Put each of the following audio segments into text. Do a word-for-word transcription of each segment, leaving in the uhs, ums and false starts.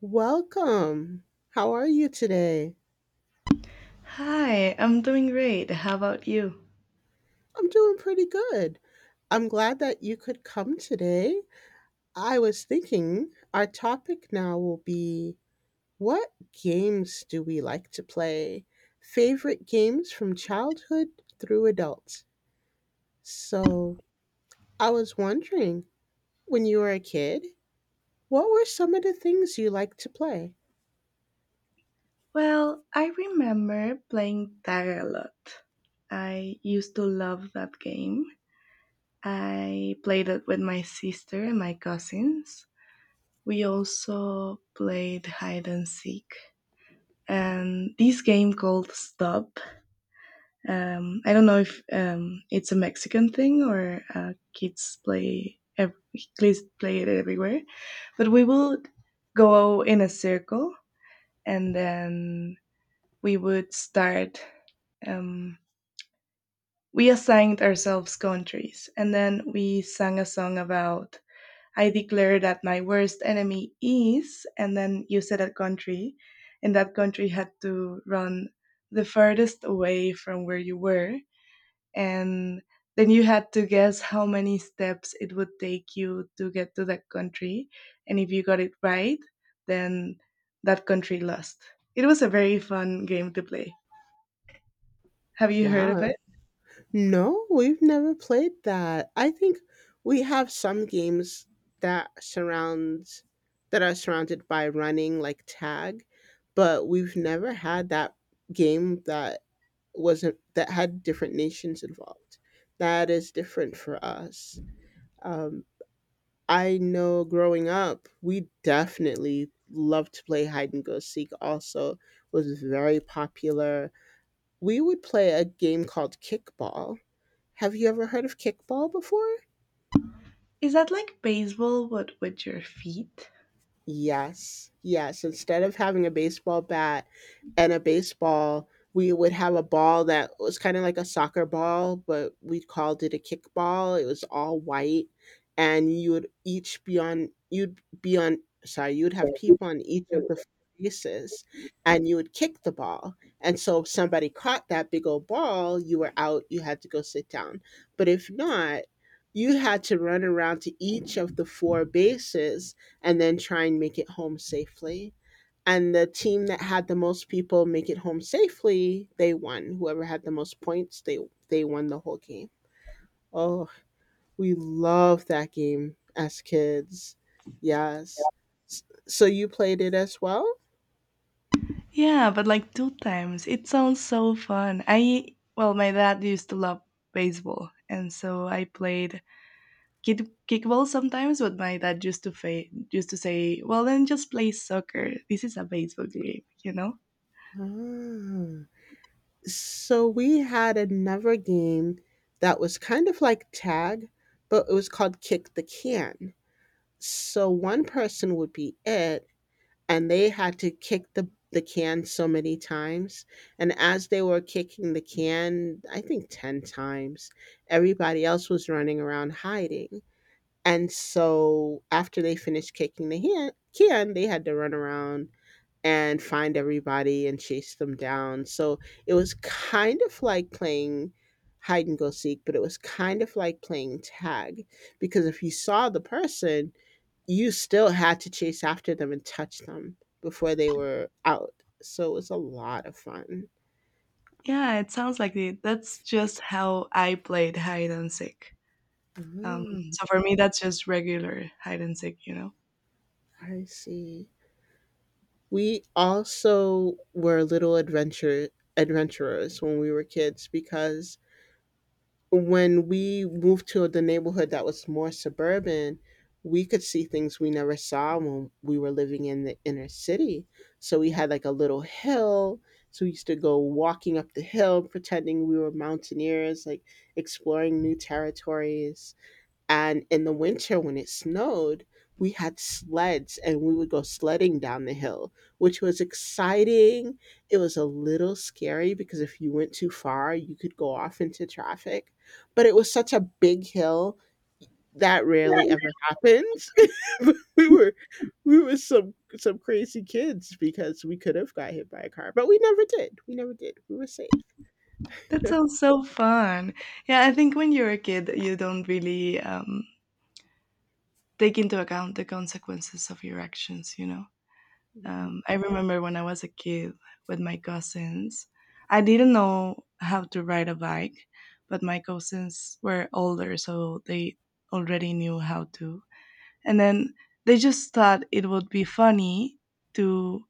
Welcome. How are you today? Hi, I'm doing great. How about you? I'm doing pretty good. I'm glad that you could come today. I was thinking our topic now will be what games do we like to play? Favorite games from childhood through adults. So, I was wondering, when you were a kid, what were some of the things you liked to play? Well, I remember playing tag a lot. I used to love that game. I played it with my sister and my cousins. We also played hide and seek and this game called Stop. Um, I don't know if um, it's a Mexican thing or uh, kids play ev- kids play it everywhere, but we would go in a circle and then we would start. Um, we assigned ourselves countries, and then we sang a song about I declare that my worst enemy is, and then you said a country, and that country had to run the furthest away from where you were, and then you had to guess how many steps it would take you to get to that country, and if you got it right, then that country lost. It was a very fun game to play. Have you heard of Wow. it? No, we've never played that. I think we have some games that surrounds that are surrounded by running like tag, but we've never had that game that wasn't that had different nations involved. That is different for us. Um, I know growing up, we definitely loved to play hide and go seek. Also, was very popular. We would play a game called kickball. Have you ever heard of kickball before? Is that like baseball but with your feet? Yes, yes. Instead of having a baseball bat and a baseball, we would have a ball that was kind of like a soccer ball, but we called it a kickball. It was all white, and you would each be on, you'd be on, sorry, you'd have people on each of the faces, and you would kick the ball. And so if somebody caught that big old ball, you were out, you had to go sit down. But if not, you had to run around to each of the four bases and then try and make it home safely. And the team that had the most people make it home safely, they won. Whoever had the most points, they they won the whole game. Oh, we love that game as kids. Yes. So you played it as well? Yeah, but like two times. It sounds so fun. I well, my dad used to love baseball, and so I played kick kickball sometimes. But my dad used to fa- used to say, "Well, then just play soccer. This is a baseball game," you know. Ah. So we had another game that was kind of like tag, but it was called kick the can. So one person would be it and they had to kick the the can so many times, and as they were kicking the can, I think ten times, everybody else was running around hiding. And so after they finished kicking the hand, can they had to run around and find everybody and chase them down. So it was kind of like playing hide and go seek, but it was kind of like playing tag because if you saw the person, you still had to chase after them and touch them before they were out. So it was a lot of fun. Yeah, it sounds like it. That's just how I played hide and seek. Um, Mm, so for me, that's just regular hide and seek, you know. I see. We also were little adventure adventurers when we were kids because when we moved to the neighborhood that was more suburban, we could see things we never saw when we were living in the inner city. So we had like a little hill. So we used to go walking up the hill, pretending we were mountaineers, like exploring new territories. And in the winter, when it snowed, we had sleds and we would go sledding down the hill, which was exciting. It was a little scary because if you went too far, you could go off into traffic. But it was such a big hill that rarely ever happens. we were we were some some crazy kids because we could have got hit by a car, but we never did. We never did. We were safe. That sounds so fun. Yeah, I think when you're a kid, you don't really um, take into account the consequences of your actions, you know? Mhm. Um, I remember when I was a kid with my cousins, I didn't know how to ride a bike, but my cousins were older, so they already knew how to. And then they just thought it would be funny to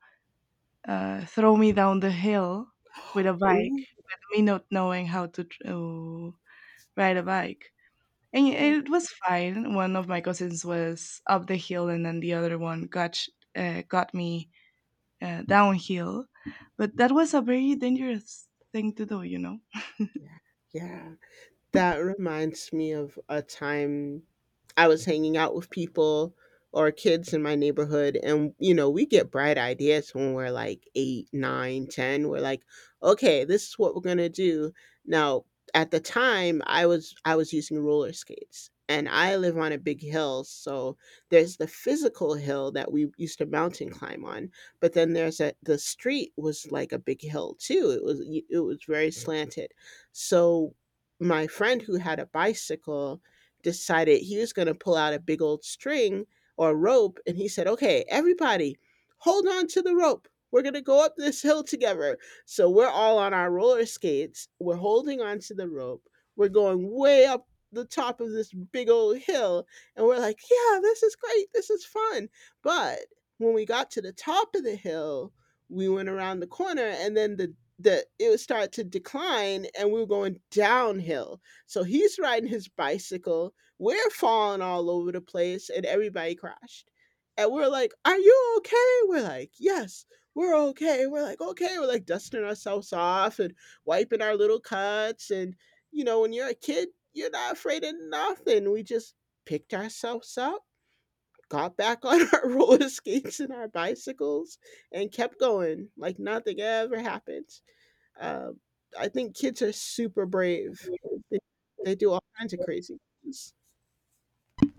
uh, throw me down the hill with a bike, Oh, me not knowing how to, tr- to ride a bike. And oh, it was fine. One of my cousins was up the hill, and then the other one got sh- uh, got me uh, downhill. But that was a very dangerous thing to do, you know. yeah, yeah. That reminds me of a time I was hanging out with people or kids in my neighborhood, and you know, we get bright ideas when we're like eight, nine, ten. We're like, okay, this is what we're gonna do. Now, at the time, I was I was using roller skates, and I live on a big hill, so there's the physical hill that we used to mountain climb on, but then there's a the street was like a big hill too. It was it was very slanted, so my friend who had a bicycle decided he was going to pull out a big old string or rope, and he said, okay, everybody, hold on to the rope, we're going to go up this hill together. So we're all on our roller skates, we're holding on to the rope, we're going way up the top of this big old hill, and we're like, yeah, this is great, this is fun. But when we got to the top of the hill, we went around the corner, and then the the it would start to decline and we were going downhill. So he's riding his bicycle, we're falling all over the place, and everybody crashed. And we're like, are you okay? We're like, yes, we're okay. We're like, okay. We're like dusting ourselves off and wiping our little cuts. And, you know, when you're a kid, you're not afraid of nothing. We just picked ourselves up, got back on our roller skates and our bicycles, and kept going like nothing ever happened. Um, I think kids are super brave. They, they do all kinds of crazy things.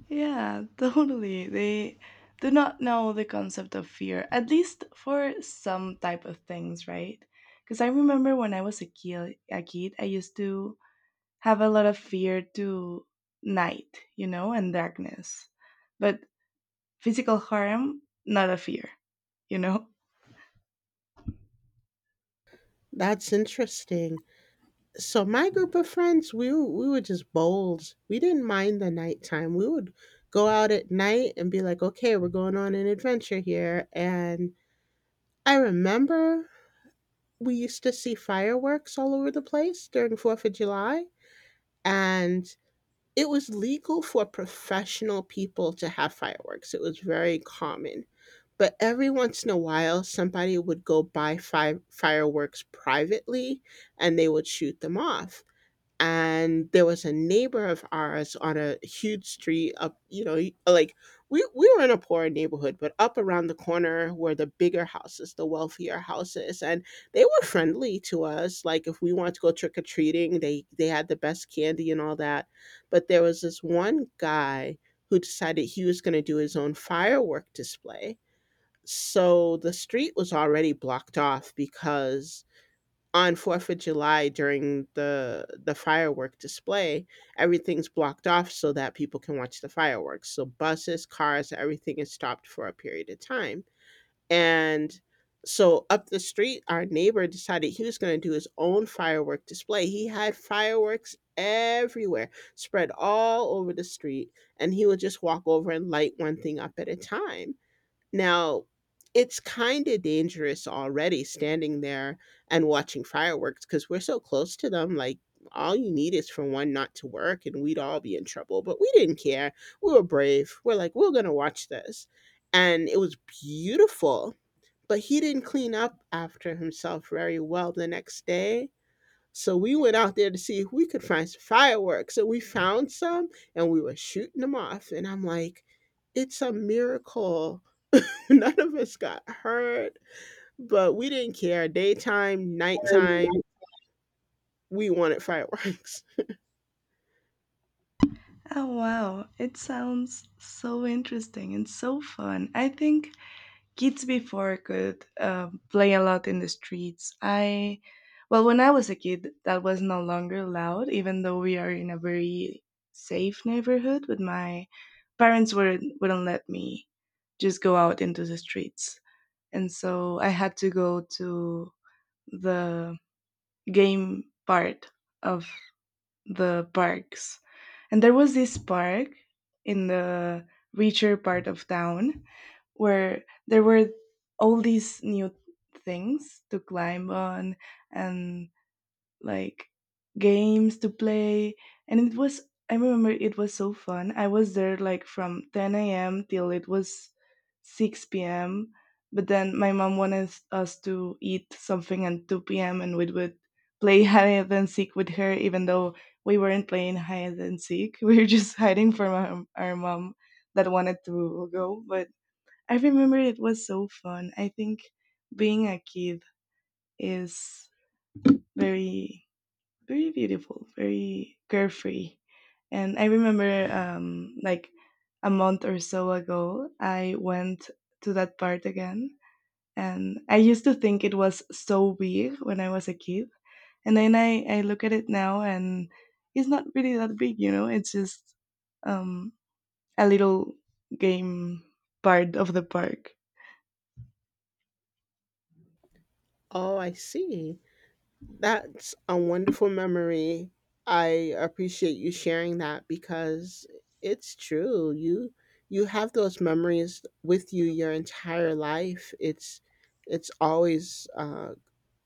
Yeah, totally. They do not know the concept of fear, at least for some type of things, right? Because I remember when I was a kid, a kid, I used to have a lot of fear to night, you know, and darkness. But physical harm, not a fear, you know? That's interesting. So my group of friends, we were, we were just bold. We didn't mind the nighttime. We would go out at night and be like, "Okay, we're going on an adventure here." And I remember we used to see fireworks all over the place during fourth of July, and it was legal for professional people to have fireworks. It was very common. But every once in a while, somebody would go buy fi fireworks privately, and they would shoot them off. And there was a neighbor of ours on a huge street up, you know, like, we we were in a poor neighborhood, but up around the corner were the bigger houses, the wealthier houses, and they were friendly to us. Like if we wanted to go trick or treating, they they had the best candy and all that. But there was this one guy who decided he was going to do his own firework display. So the street was already blocked off because on fourth of July during the the firework display, everything's blocked off so that people can watch the fireworks. So buses, cars, everything is stopped for a period of time. And so up the street, our neighbor decided he was going to do his own firework display. He had fireworks everywhere, spread all over the street, and he would just walk over and light one thing up at a time. Now, it's kinda dangerous already standing there and watching fireworks because 'cause we're so close to them, like, all you need is for one not to work, and we'd all be in trouble, but we didn't care. We were brave. We're like, "We're gonna watch this." And it was beautiful, but he didn't clean up after himself very well the next day, so we went out there to see if we could find some fireworks, and we found some, and we were shooting them off, and I'm like, "It's a miracle. None of us got hurt, but we didn't care. Daytime, nighttime, we wanted fireworks. Oh, wow. It sounds so interesting and so fun. I think kids before could uh, play a lot in the streets. I, well, when I was a kid, that was no longer allowed, even though we are in a very safe neighborhood, but my parents wouldn't, wouldn't let me just go out into the streets. And so I had to go to the game part of the parks. And there was this park in the richer part of town where there were all these new things to climb on and like games to play, and it was, I remember, it was so fun. I was there like from ten a m till it was six p m, but then my mom wanted us to eat something at two p m, and we would play hide and seek with her, even though we weren't playing hide and seek we were just hiding from our, our mom that wanted to go. But I remember it was so fun. I think being a kid is very very beautiful, very carefree. And I remember, um, like a month or so ago, I went to that part again. And I used to think it was so big when I was a kid. And then I, I look at it now, and it's not really that big, you know, it's just um, a little game part of the park. Oh, I see. That's a wonderful memory. I appreciate you sharing that because it's true. You you have those memories with you your entire life. It's it's always uh,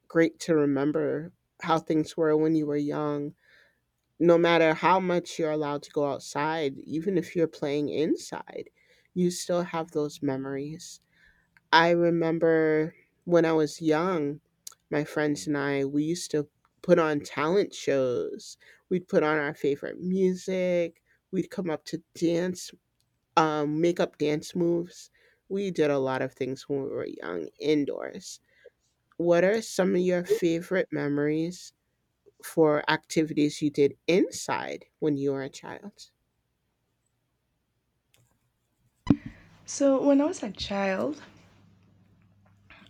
great to remember how things were when you were young, no matter how much you're allowed to go outside. Even if you're playing inside, you still have those memories. I remember when I was young, my friends and I, we used to put on talent shows. We'd put on our favorite music. We'd come up to dance, um, make up dance moves. We did a lot of things when we were young indoors. What are some of your favorite memories for activities you did inside when you were a child? So when I was a child,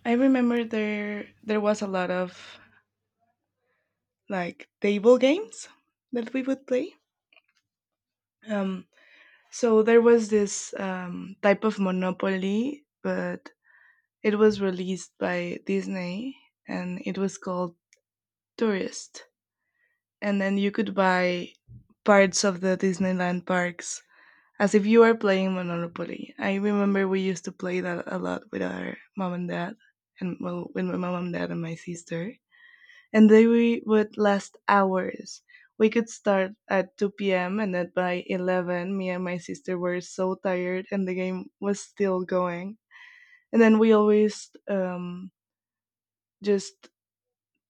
I remember there there was a lot of like table games that we would play. Um, so there was this um, type of Monopoly, but it was released by Disney and it was called Tourist. And then you could buy parts of the Disneyland parks as if you were playing Monopoly. I remember we used to play that a lot with our mom and dad, and well, with my mom and dad and my sister. And they we would last hours. We could start at two p m and then by eleven, me and my sister were so tired and the game was still going. And then we always um, just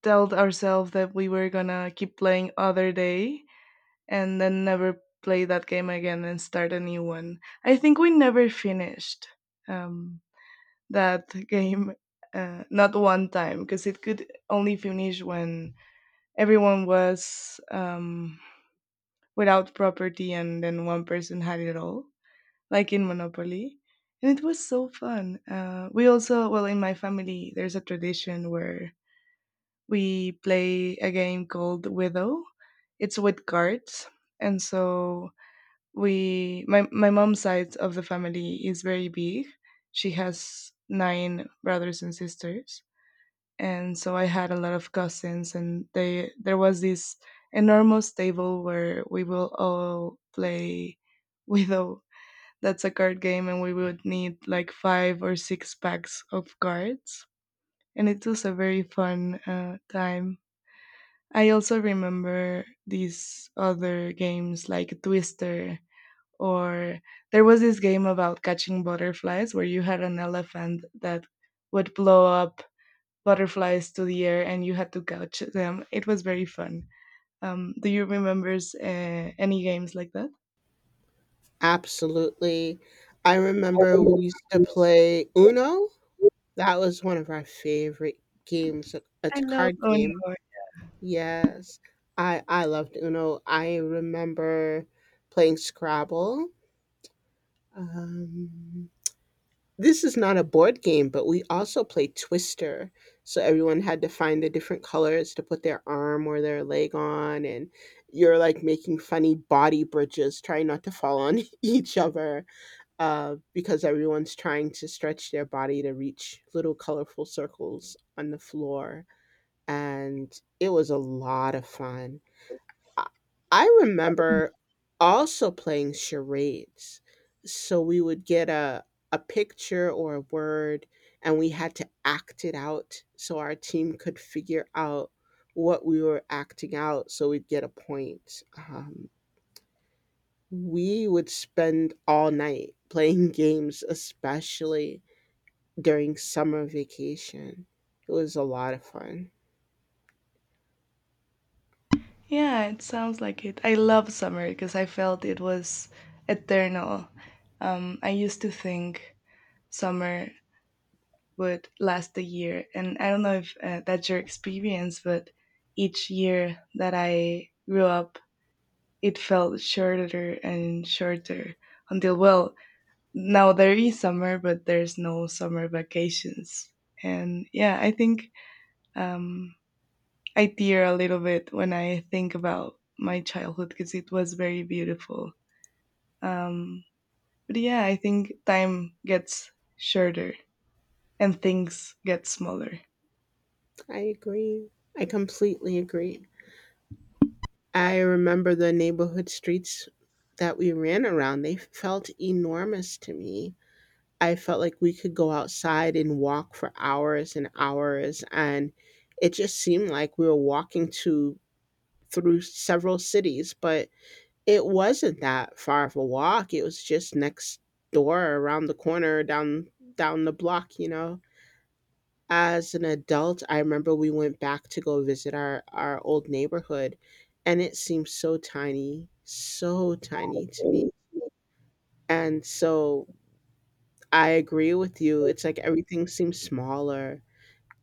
told ourselves that we were gonna keep playing other day and then never play that game again and start a new one. I think we never finished um, that game, uh, not one time, because it could only finish when everyone was um, without property and then one person had it all, like in Monopoly. And it was so fun. Uh, we also, well, in my family, there's a tradition where we play a game called Widow. It's with cards. And so we, my, my mom's side of the family is very big. She has nine brothers and sisters, and so I had a lot of cousins, and they there was this enormous table where we will all play Widow. That's a card game, and we would need like five or six packs of cards, and it was a very fun uh, time. I also remember these other games like Twister, or there was this game about catching butterflies where you had an elephant that would blow up butterflies to the air and you had to catch them. It was very fun. Um, do you remember uh, any games like that? Absolutely. I remember we used to play Uno. That was one of our favorite games. uh, I It's a love card game. Honor. Yes. I I loved Uno. I remember playing Scrabble. Um, this is not a board game, but we also played Twister. So everyone had to find the different colors to put their arm or their leg on, and you're like making funny body bridges, trying not to fall on each other, uh, because everyone's trying to stretch their body to reach little colorful circles on the floor. And it was a lot of fun. I I remember also playing charades. So we would get a a picture or a word and we had to act it out so our team could figure out what we were acting out so we'd get a point. Um, we would spend all night playing games, especially during summer vacation. It was a lot of fun. Yeah, it sounds like it. I love summer because I felt it was eternal. Um, I used to think summer would last a year, and I don't know if uh, that's your experience, but each year that I grew up, it felt shorter and shorter until, well, now there is summer, but there's no summer vacations. And yeah, I think um, I tear a little bit when I think about my childhood because it was very beautiful. Um, but yeah, I think time gets shorter and things get smaller. I agree. I completely agree. I remember the neighborhood streets that we ran around, they felt enormous to me. I felt like we could go outside and walk for hours and hours, and it just seemed like we were walking to through several cities, but it wasn't that far of a walk, it was just next door, around the corner, down down the block, you know? As an adult, I remember we went back to go visit our our old neighborhood, and it seemed so tiny, so tiny to me. And so I agree with you. It's like everything seems smaller,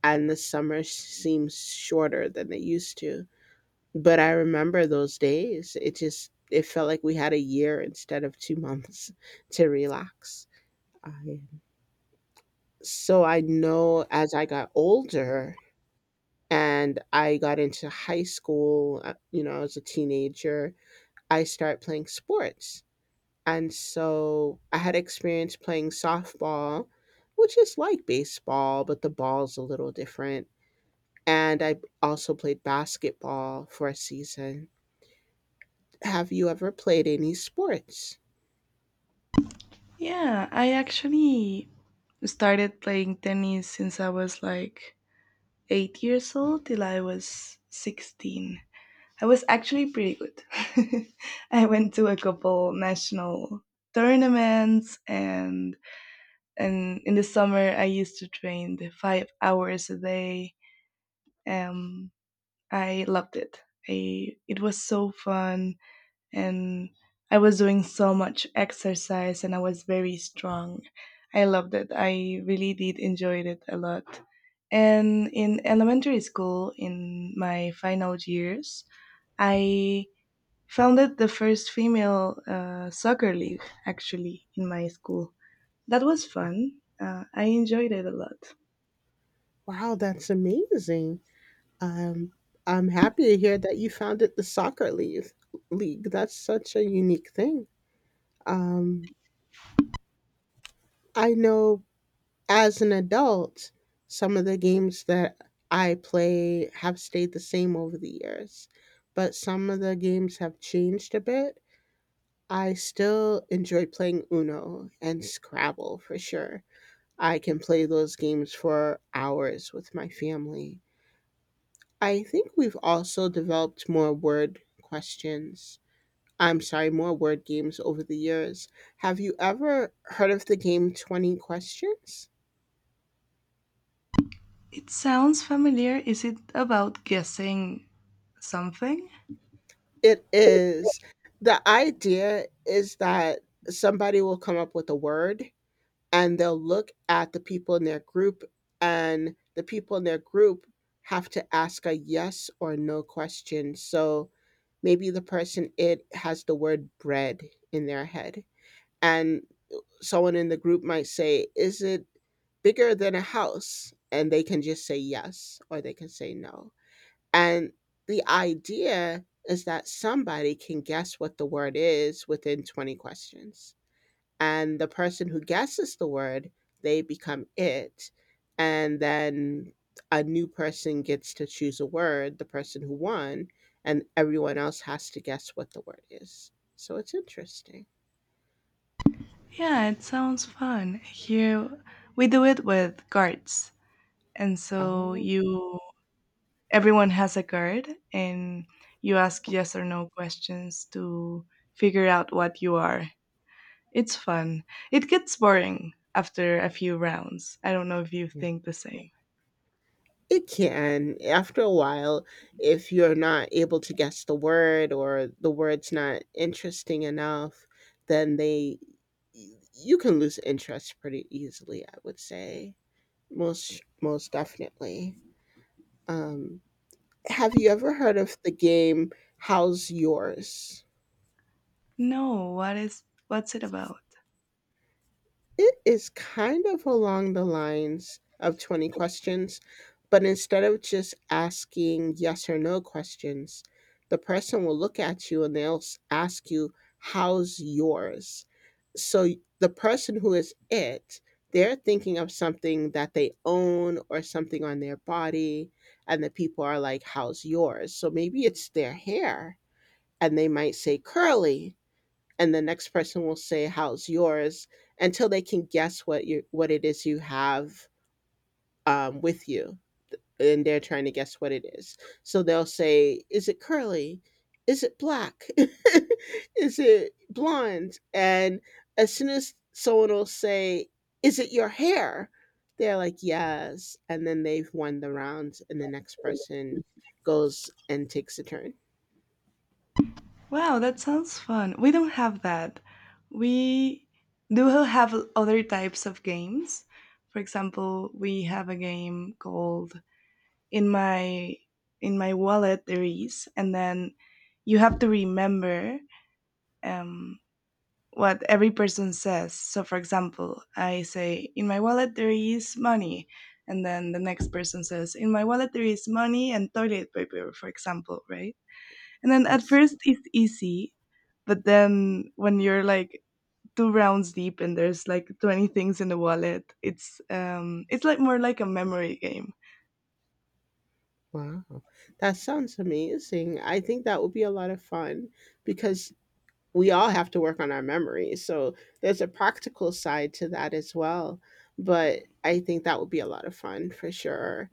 and the summer seems shorter than they used to. But I remember those days. It just it felt like we had a year instead of two months to relax. I, so I know as I got older, and I got into high school, uh, you know, as a teenager, I started playing sports. And so I had experience playing softball, which is like baseball, but the ball's a little different. And I also played basketball for a season. Have you ever played any sports? Yeah, I actually started playing tennis since I was like eight years old till I was sixteen. I was actually pretty good. I went to a couple national tournaments, and and in the summer I used to train the five hours a day. Um I loved it. I It was so fun, and I was doing so much exercise, and I was very strong. I loved it. I really did enjoy it a lot. And in elementary school in my final years, I founded the first female uh, soccer league, actually, in my school. That was fun. Uh, I enjoyed it a lot. Wow, that's amazing. Um, I'm happy to hear that you founded the soccer league. League. That's such a unique thing. Um, I know as an adult, some of the games that I play have stayed the same over the years, but some of the games have changed a bit. I still enjoy playing Uno and Scrabble for sure. I can play those games for hours with my family. I think we've also developed more word questions. I'm sorry, more word games over the years. Have you ever heard of the game twenty Questions? It sounds familiar. Is it about guessing something? It is. The idea is that somebody will come up with a word and they'll look at the people in their group, and the people in their group have to ask a yes or no question. So maybe the person it has the word bread in their head, and someone in the group might say, is it bigger than a house? And they can just say yes or they can say no. And the idea is that somebody can guess what the word is within twenty questions. And the person who guesses the word, they become it. And then a new person gets to choose a word, the person who won, and everyone else has to guess what the word is. So it's interesting. Yeah, it sounds fun. Here we do it with cards. And so Oh. you everyone has a card, and you ask yes or no questions to figure out what you are. It's fun. It gets boring after a few rounds. I don't know if you think the same. It can. After a while, if you're not able to guess the word or the word's not interesting enough, then they you can lose interest pretty easily, I would say. Most most definitely. Um have you ever heard of the game How's Yours? No, what is what's it about? It is kind of along the lines of twenty questions, but instead of just asking yes or no questions, the person will look at you and they'll s- ask you, how's yours? So y- the person who is it, they're thinking of something that they own or something on their body, and the people are like, how's yours? So maybe it's their hair, and they might say curly, and the next person will say how's yours until they can guess what you what it is you have um, with you, and they're trying to guess what it is, so they'll say is it curly, is it black, is it blonde, and as soon as someone will say is it your hair, they're like yes, and then they've won the round and the next person goes and takes a turn. Wow, that sounds fun. We don't have that. We do have other types of games. For example, we have a game called In My In My Wallet There Is, and then you have to remember um, what every person says. So, for example, I say, in my wallet there is money. And then the next person says, in my wallet there is money and toilet paper, for example, right? And then at Yes. first it's easy, but then when you're like two rounds deep and there's like twenty things in the wallet, it's um it's like more like a memory game. Wow, that sounds amazing. I think that would be a lot of fun because we all have to work on our memories. So there's a practical side to that as well. But I think that would be a lot of fun for sure.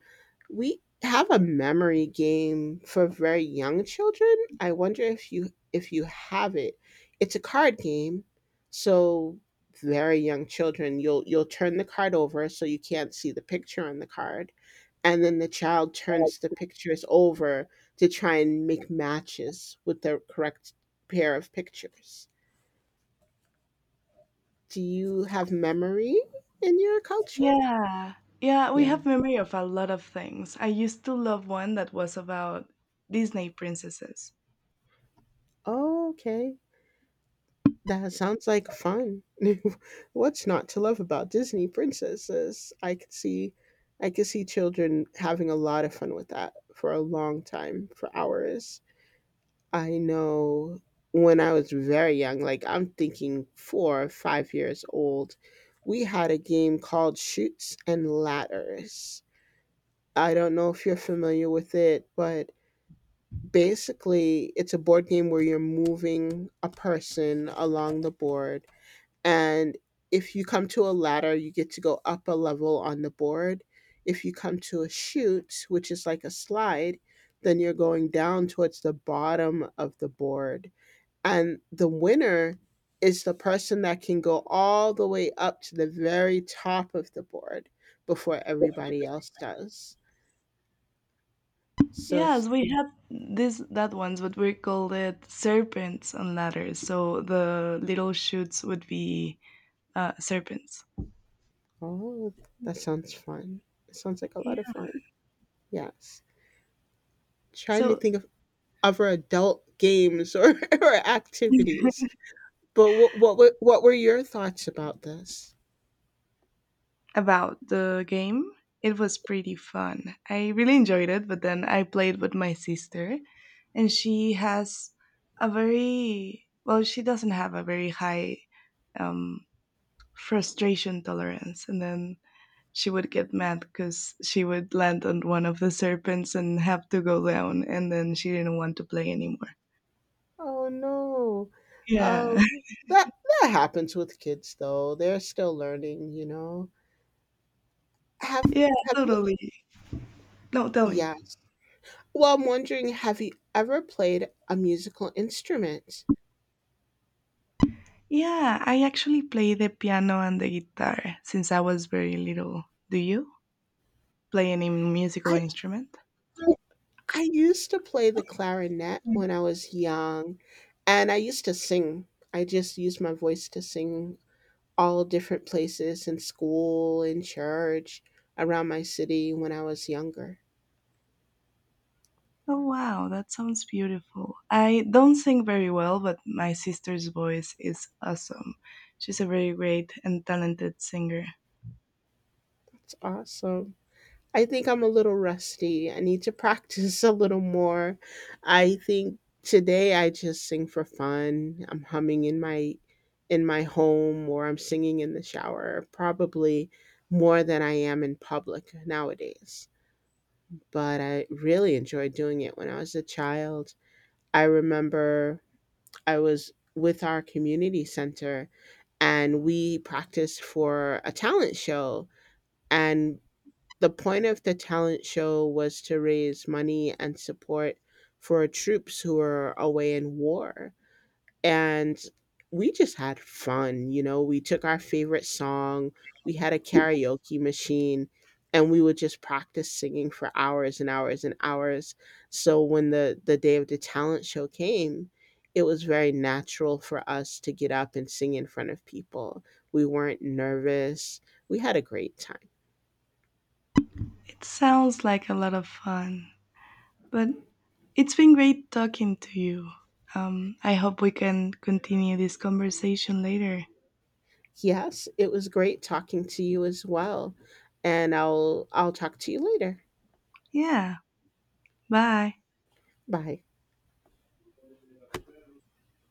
We have a memory game for very young children. I wonder if you if you have it. It's a card game, so very young children you'll you'll turn the card over so you can't see the picture on the card, and then the child turns the pictures over to try and make matches with the correct pair of pictures. Do you have memory in your culture? Yeah. Yeah, we have Yeah. memory of a lot of things. I used to love one that was about Disney princesses. Oh, okay. That sounds like fun. What's not to love about Disney princesses? I could see I could see children having a lot of fun with that for a long time, for hours. I know when I was very young, like I'm thinking four or five years old, we had a game called Shoots and Ladders. I don't know if you're familiar with it, but basically it's a board game where you're moving a person along the board, and if you come to a ladder, you get to go up a level on the board. If you come to a chute, which is like a slide, then you're going down towards the bottom of the board. And the winner is the person that can go all the way up to the very top of the board before everybody else does. So it's, Yes, we had this that ones, but we called it serpents and ladders. So the little shoots would be uh, serpents. oh, that sounds fun. It sounds like a Yeah. lot of fun. Yes. Trying to So think other adult games, or, or activities. But what what were, what were your thoughts about this? about the game, it was pretty fun. I really enjoyed it, but then I played with my sister, and she has a very well, she doesn't have a very high um, frustration tolerance, and then she would get mad because she would land on one of the serpents and have to go down, and then she didn't want to play anymore. Oh no, Yeah, um, that that happens with kids though. They're still learning, you know. Have yeah, have you? totally. No, tell me. Yes. Well, I'm wondering, have you ever played a musical instrument? Yeah, I actually play the piano and the guitar since I was very little. Do you play any musical I instrument? I used to play the clarinet when I was young, and I used to sing. I just used my voice to sing all different places in school, in church, around my city when I was younger. Oh, wow, that sounds beautiful. I don't sing very well, but my sister's voice is awesome. She's a very great and talented singer. It's awesome. I think I'm a little rusty. I need to practice a little more. I think today I just sing for fun. I'm humming in my in my home, or I'm singing in the shower, probably more than I am in public nowadays. But I really enjoyed doing it when I was a child. I remember I was with our community center and we practiced for a talent show. And the point of the talent show was to raise money and support for troops who were away in war, and we just had fun. You know, we took our favorite song, we had a karaoke machine, and we would just practice singing for hours and hours and hours. So when the the day of the talent show came, it was very natural for us to get up and sing in front of people. We weren't nervous. We had a great time. It sounds like a lot of fun. But it's been great talking to you. Um, I hope we can continue this conversation later. Yes, it was great talking to you as well. And I'll I'll talk to you later. Yeah, bye. Bye.